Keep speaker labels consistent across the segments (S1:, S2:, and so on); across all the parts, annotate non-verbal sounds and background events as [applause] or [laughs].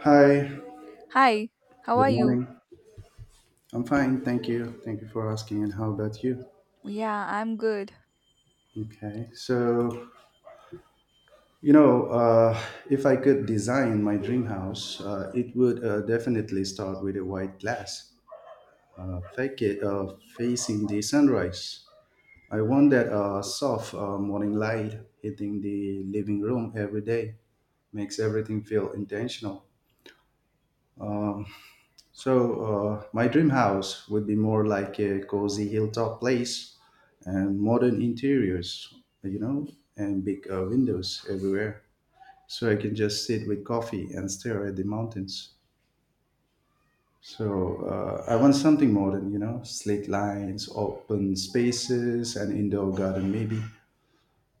S1: Hi,
S2: Hi, how are
S1: good
S2: you?
S1: morning. I'm fine, thank you. Thank you for asking. And how about you?
S2: Yeah, I'm good.
S1: Okay, so you know, uh, if I could design my dream house, it would definitely start with a white glass, fake it, facing the sunrise. I want that soft morning light hitting the living room every day, makes everything feel intentional. Um, So my dream house would be more like a cozy hilltop place and modern interiors, you know, and big windows everywhere. So I can just sit with coffee and stare at the mountains. So I want something modern, you know, slate lines, open spaces, and indoor garden maybe.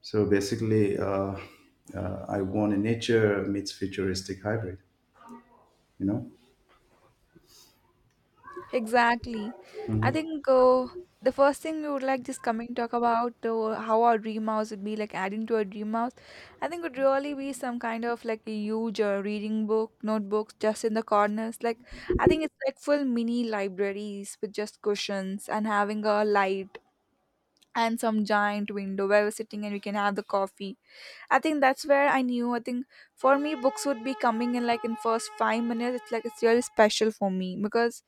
S1: So basically, I want a nature meets futuristic hybrid, you know.
S2: Exactly. I
S1: Mhm.
S2: think the first thing we would like just coming talk about how our dream house would be like adding to our dream house. I think would really be some kind of like a huge reading book, notebooks just in the corners. Like I think it's like full mini libraries with just cushions and having a light and some giant window where we're sitting and we can have the coffee. I think that's where I knew. I think for me, books would be coming in like in first 5 minutes. It's like it's really special for me because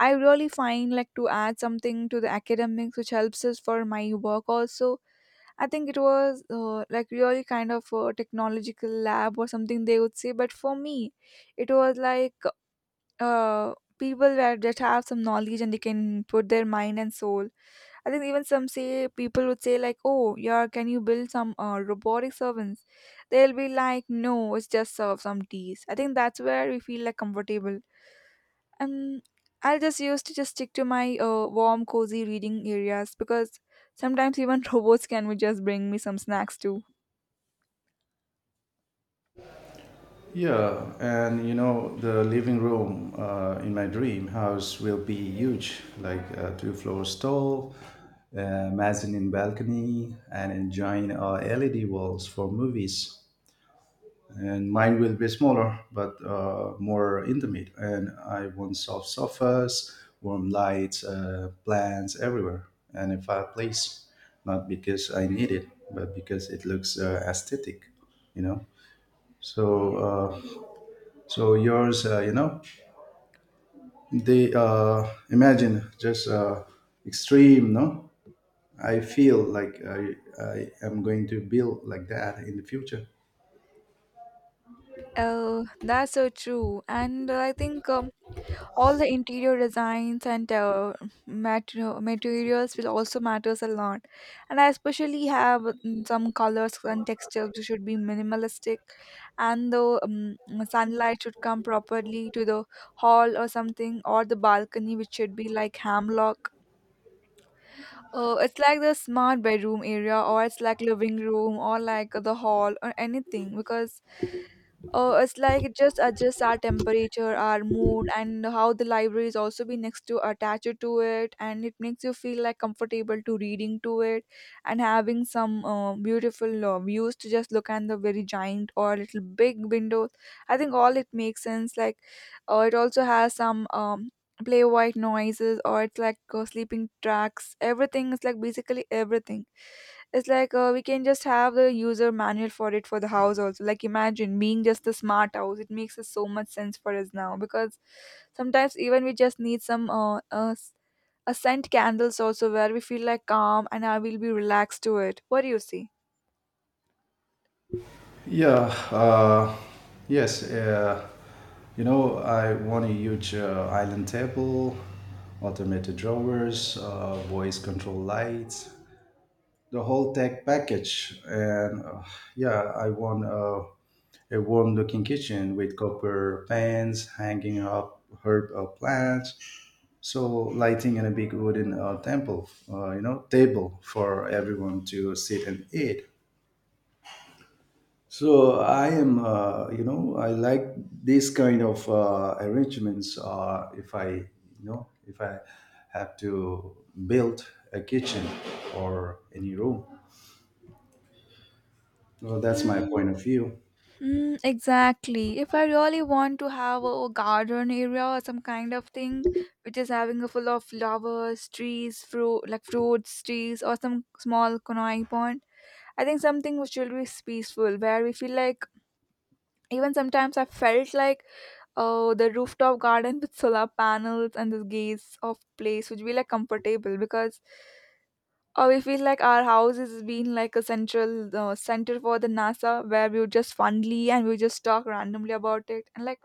S2: I really find like to add something to the academics, which helps us for my work also. I think it was like really kind of a technological lab or something they would say, but for me, it was like people where that have some knowledge and they can put their mind and soul. I think even some say people would say like, "Oh, yeah, can you build some robotic servants?" They'll be like, "No, it's just serve some teas." I think that's where we feel like comfortable. Um, I'll just used to just stick to my warm, cozy reading areas because sometimes even [laughs] robots can just bring me some snacks too.
S1: Yeah, and you know, the living room in my dream house will be huge, like two floors tall, mezzanine balcony, and enjoying LED walls for movies. And mine will be smaller, but more intimate. And I want soft sofas, warm lights, plants everywhere, and a fireplace. Not because I need it, but because it looks aesthetic, you know. So uh, so yours, you know, they imagine just extreme. No, I feel like I am going to build like that in the future.
S2: Oh, that's so true. And I think all the interior designs and materials will also matters a lot, and I especially have some colors and textures which should be minimalistic, and the sunlight should come properly to the hall or something, or the balcony, which should be like hamlock. Uh, it's like the smart bedroom area, or it's like living room, or like the hall, or anything, because it's like it just adjusts our temperature, our mood, and how the library is also be next to attached to it, and it makes you feel like comfortable to reading to it, and having some beautiful views to just look at the very giant or little big windows. I think all it makes sense. Like, it also has some play white noises, or it's like sleeping tracks. Everything is like basically everything. It's like we can just have the user manual for it, for the house also. Like imagine being just a smart house, it makes us so much sense for us now, because sometimes even we just need some a scent candles also, where we feel like calm and I will be relaxed to it. What do you see?
S1: Yeah. Yes. You know, I want a huge island table, automated drawers, voice control lights, the whole tech package and yeah I want a warm looking kitchen with copper pans hanging up herb plants, so lighting and a big wooden temple table for everyone to sit and eat. So I am I like these kind of arrangements if I if I have to build a kitchen or any room. Well, that's my point of view.
S2: Mm, exactly. If I really want to have a garden area or some kind of thing, which is having a full of flowers, trees, fruit like fruits, trees, or some small kunai pond, I think something which will be peaceful where we feel like. Even sometimes I felt like, oh, the rooftop garden with solar panels and the gaze of place would be like comfortable, because oh, we feel like our house has been like a central center for the NASA, where we would just fondly and we would just talk randomly about it, and like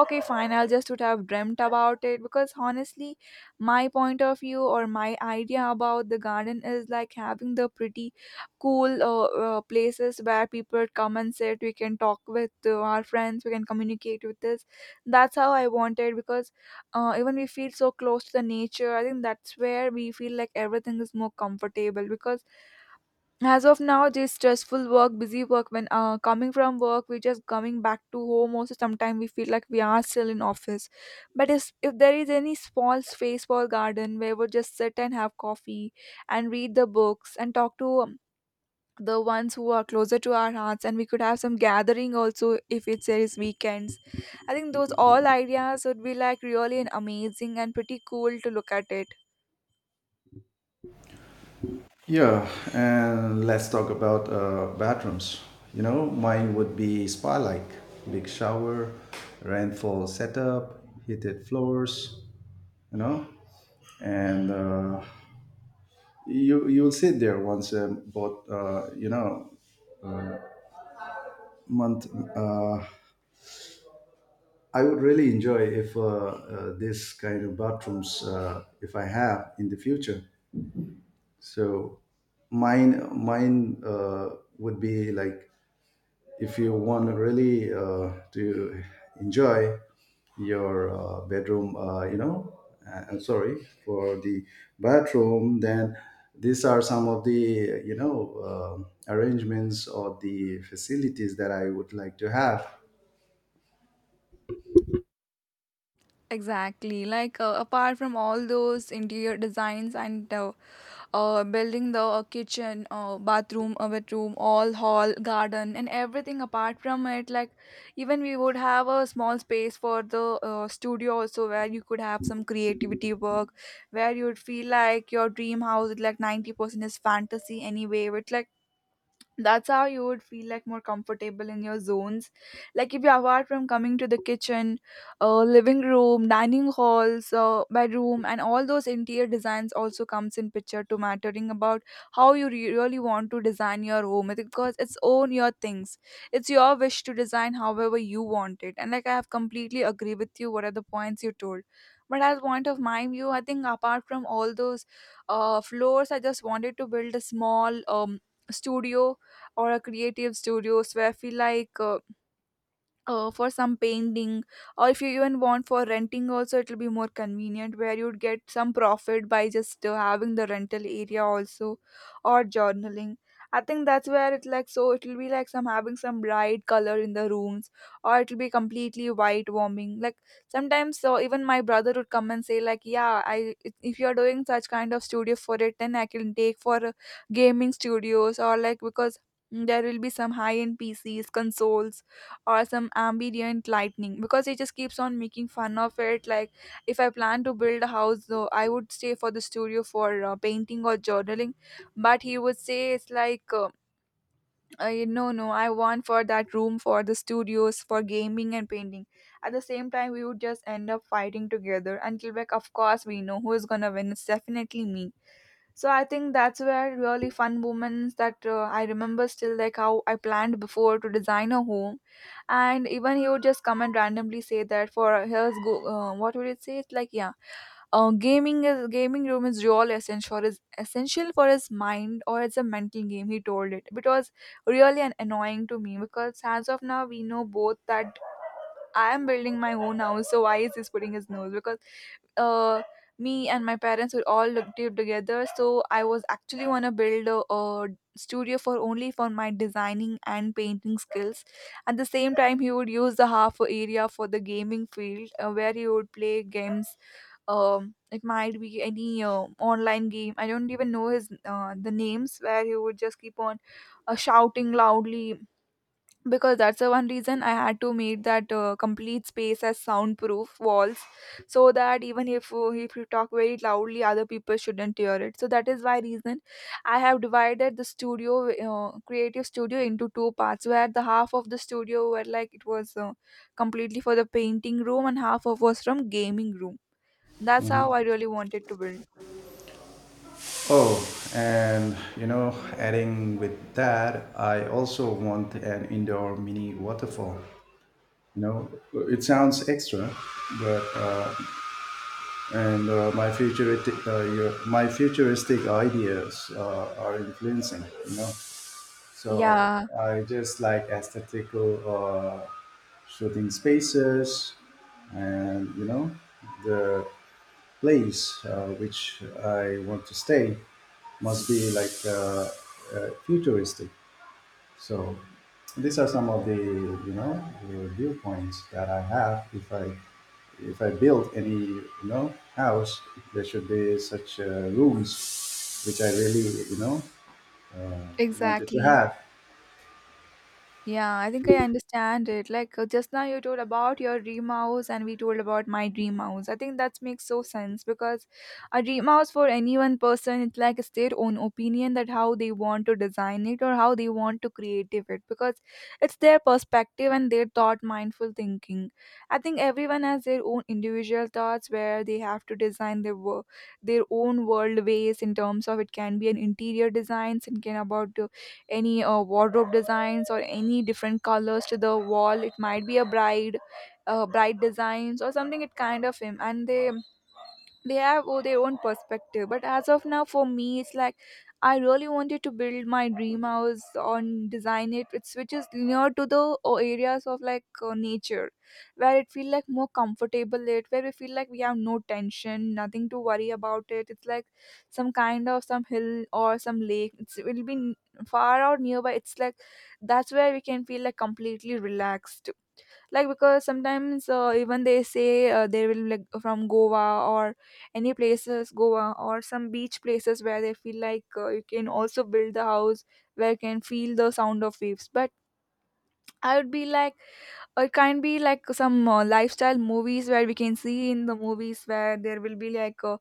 S2: okay fine, I'll just would have dreamt about it, because honestly my point of view or my idea about the garden is like having the pretty cool places where people come and sit, we can talk with our friends, we can communicate with this. That's how I wanted, because even we feel so close to the nature. I think that's where we feel like everything is more comfortable, because as of now this stressful work, busy work, when coming from work, we just coming back to home also, sometimes we feel like we are still in office. But if there is any small space for garden where we just sit and have coffee and read the books and talk to the ones who are closer to our hearts, and we could have some gathering also if it's there is weekends. I think those all ideas would be like really an amazing and pretty cool to look at it.
S1: Yeah, and let's talk about bathrooms. You know, mine would be spa-like, big shower, rainfall setup, heated floors. You know, and you you'll sit there once about month. Uh, I would really enjoy if this kind of bathrooms if I have in the future. So mine mine would be like, if you want really to enjoy your bedroom, I'm sorry, for the bathroom, then these are some of the, you know, arrangements or the facilities that I would like to have.
S2: Exactly. Like apart from all those interior designs and building the kitchen, bathroom, a bedroom, all hall, garden, and everything apart from it. Like even we would have a small space for the studio also, where you could have some creativity work, where you would feel like your dream house, like 90% is fantasy anyway. But like that's how you would feel like more comfortable in your zones. Like if you apart from coming to the kitchen, living room, dining halls, bedroom, and all those interior designs also comes in picture to mattering about how you really want to design your home. It- because it's own your things, it's your wish to design however you want it, and like I have completely agree with you what are the points you told. But as point of my view, I think apart from all those floors, I just wanted to build a small studio or a creative studios where I feel like for some painting, or if you even want for renting also it'll be more convenient where you'd get some profit by just having the rental area also, or journaling. I think that's where it like, so it'll be like some having some bright color in the rooms, or it'll be completely white warming. Like sometimes, so even my brother would come and say like, yeah, I if you're doing such kind of studio for it, then I can take for gaming studios or like, because there will be some high end pcs consoles or some ambient lightning, because he just keeps on making fun of it. Like if I plan to build a house though, I would stay for the studio for painting or journaling, but he would say it's like I, no, I want for that room for the studios for gaming and painting. At the same time we would just end up fighting together, and quebec of course we know who is gonna win, it's definitely me. So I think that's where really fun moments that I remember still, like how I planned before to design a home. And even he would just come and randomly say that for his go what would it say, it's like yeah, gaming is gaming room is real essential is essential for his mind, or it's a mental game he told. It was really an annoying to me, because as of now we know both that I am building my own house, so why is this putting his nose? Because uh, me and my parents were all looked it together, so I was actually wanna build a studio for only for my designing and painting skills. At the same time, he would use the half area for the gaming field, where he would play games. It might be any online game. I don't even know his the names, where he would just keep on shouting loudly, because that's the one reason I had to make that complete space as soundproof walls, so that even if you talk very loudly, other people shouldn't hear it. So that is why reason I have divided the studio, creative studio into two parts, where the half of the studio were like it was completely for the painting room and half of was from gaming room. That's how
S1: Mhm.
S2: I really wanted to build.
S1: Oh, and you know, adding with that, I also want an indoor mini waterfall. You know, it sounds extra, but and my futuristic my futuristic ideas are influencing, you know. So
S2: Yeah,
S1: I just like aesthetical shooting spaces, and you know, the place which I want to stay must be like futuristic. So these are some of the, you know, the viewpoints that I have. If I build any, you know, house, there should be such rooms which I really, you know, wanted to
S2: exactly.
S1: have.
S2: Yeah, I think I understand it. Like just now you told about your dream house and we told about my dream house. I think that makes so sense because a dream house for any one person, it's like it's their own opinion that how they want to design it or how they want to create it, because it's their perspective and their thought mindful thinking. I think everyone has their own individual thoughts where they have to design their their own world ways, in terms of it can be an interior design, thinking about any wardrobe designs or any different colors to the wall, it might be a bride, bride designs or something, it kind of him, and they have oh, their own perspective. But as of now for me it's like I really wanted to build my dream house on design it it's, which is near to the areas of like nature, where it feel like more comfortable, it where we feel like we have no tension, nothing to worry about it. It's like some kind of some hill or some lake, it's, it will be far out nearby. It's like that's where we can feel like completely relaxed, like because sometimes even they say they will like from goa or any places goa or some beach places, where they feel like you can also build the house where you can feel the sound of waves. But I would be like, or it can be like some lifestyle movies where we can see in the movies, where there will be like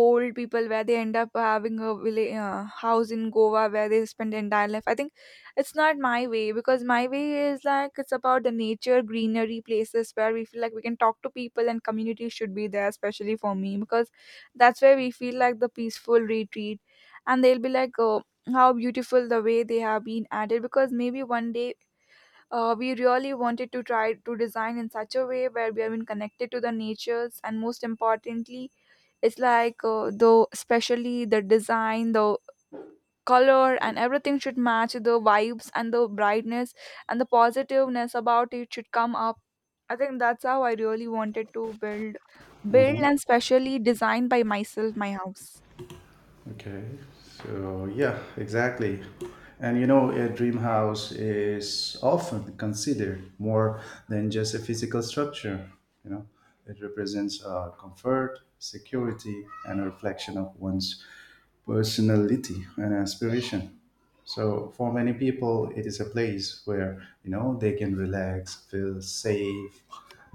S2: old people where they end up having a village, house in Goa where they spend their entire life. I think it's not my way, because my way is like it's about the nature, greenery, places where we feel like we can talk to people, and community should be there, especially for me, because that's where we feel like the peaceful retreat. And they'll be like, oh, how beautiful the way they have been added, because maybe one day we really wanted to try to design in such a way where we have been connected to the natures, and most importantly, it's like though especially the design, the color and everything should match the vibes and the brightness and the positiveness about it should come up. I think that's how I really wanted to build and specially design by myself my house.
S1: Okay, so yeah, exactly. And you know, a dream house is often considered more than just a physical structure. You know, it represents comfort, security, and a reflection of one's personality and aspiration. So, for many people, it is a place where you know they can relax, feel safe,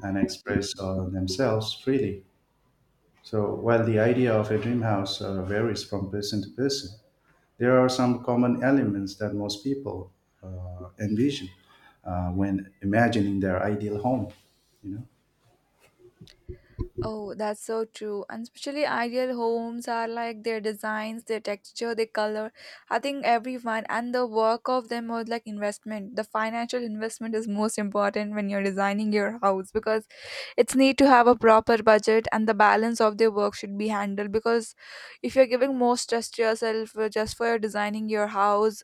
S1: and express themselves freely. So while the idea of a dream house varies from person to person, there are some common elements that most people envision when imagining their ideal home. You know.
S2: Oh, that's so true. And especially ideal homes are like their designs, their texture, their color. I think everyone and the work of them was like investment. The financial investment is most important when you're designing your house, because it's need to have a proper budget and the balance of their work should be handled, because if you're giving more stress to yourself just for your designing your house,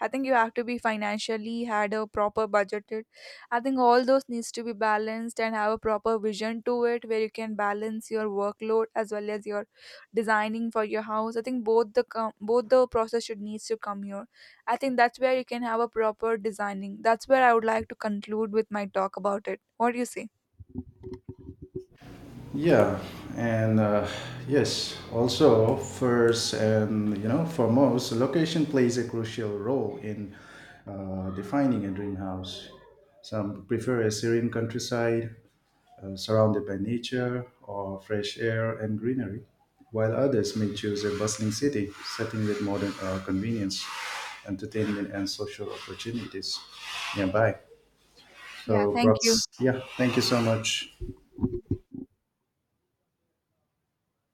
S2: I think you have to be financially had a proper budgeted. I think all those needs to be balanced and have a proper vision to it where you can balance your workload as well as your designing for your house. I think both the process should needs to come here. I think that's where you can have a proper designing. That's where I would like to conclude with my talk about it. What do you say?
S1: Yeah, and yes, also first and, you know, foremost, location plays a crucial role in defining a dream house. Some prefer a serene countryside, surrounded by nature or fresh air and greenery, while others may choose a bustling city setting with modern convenience, entertainment, and social opportunities nearby.
S2: Yeah,
S1: So,
S2: thank you.
S1: props. Yeah, thank you so much.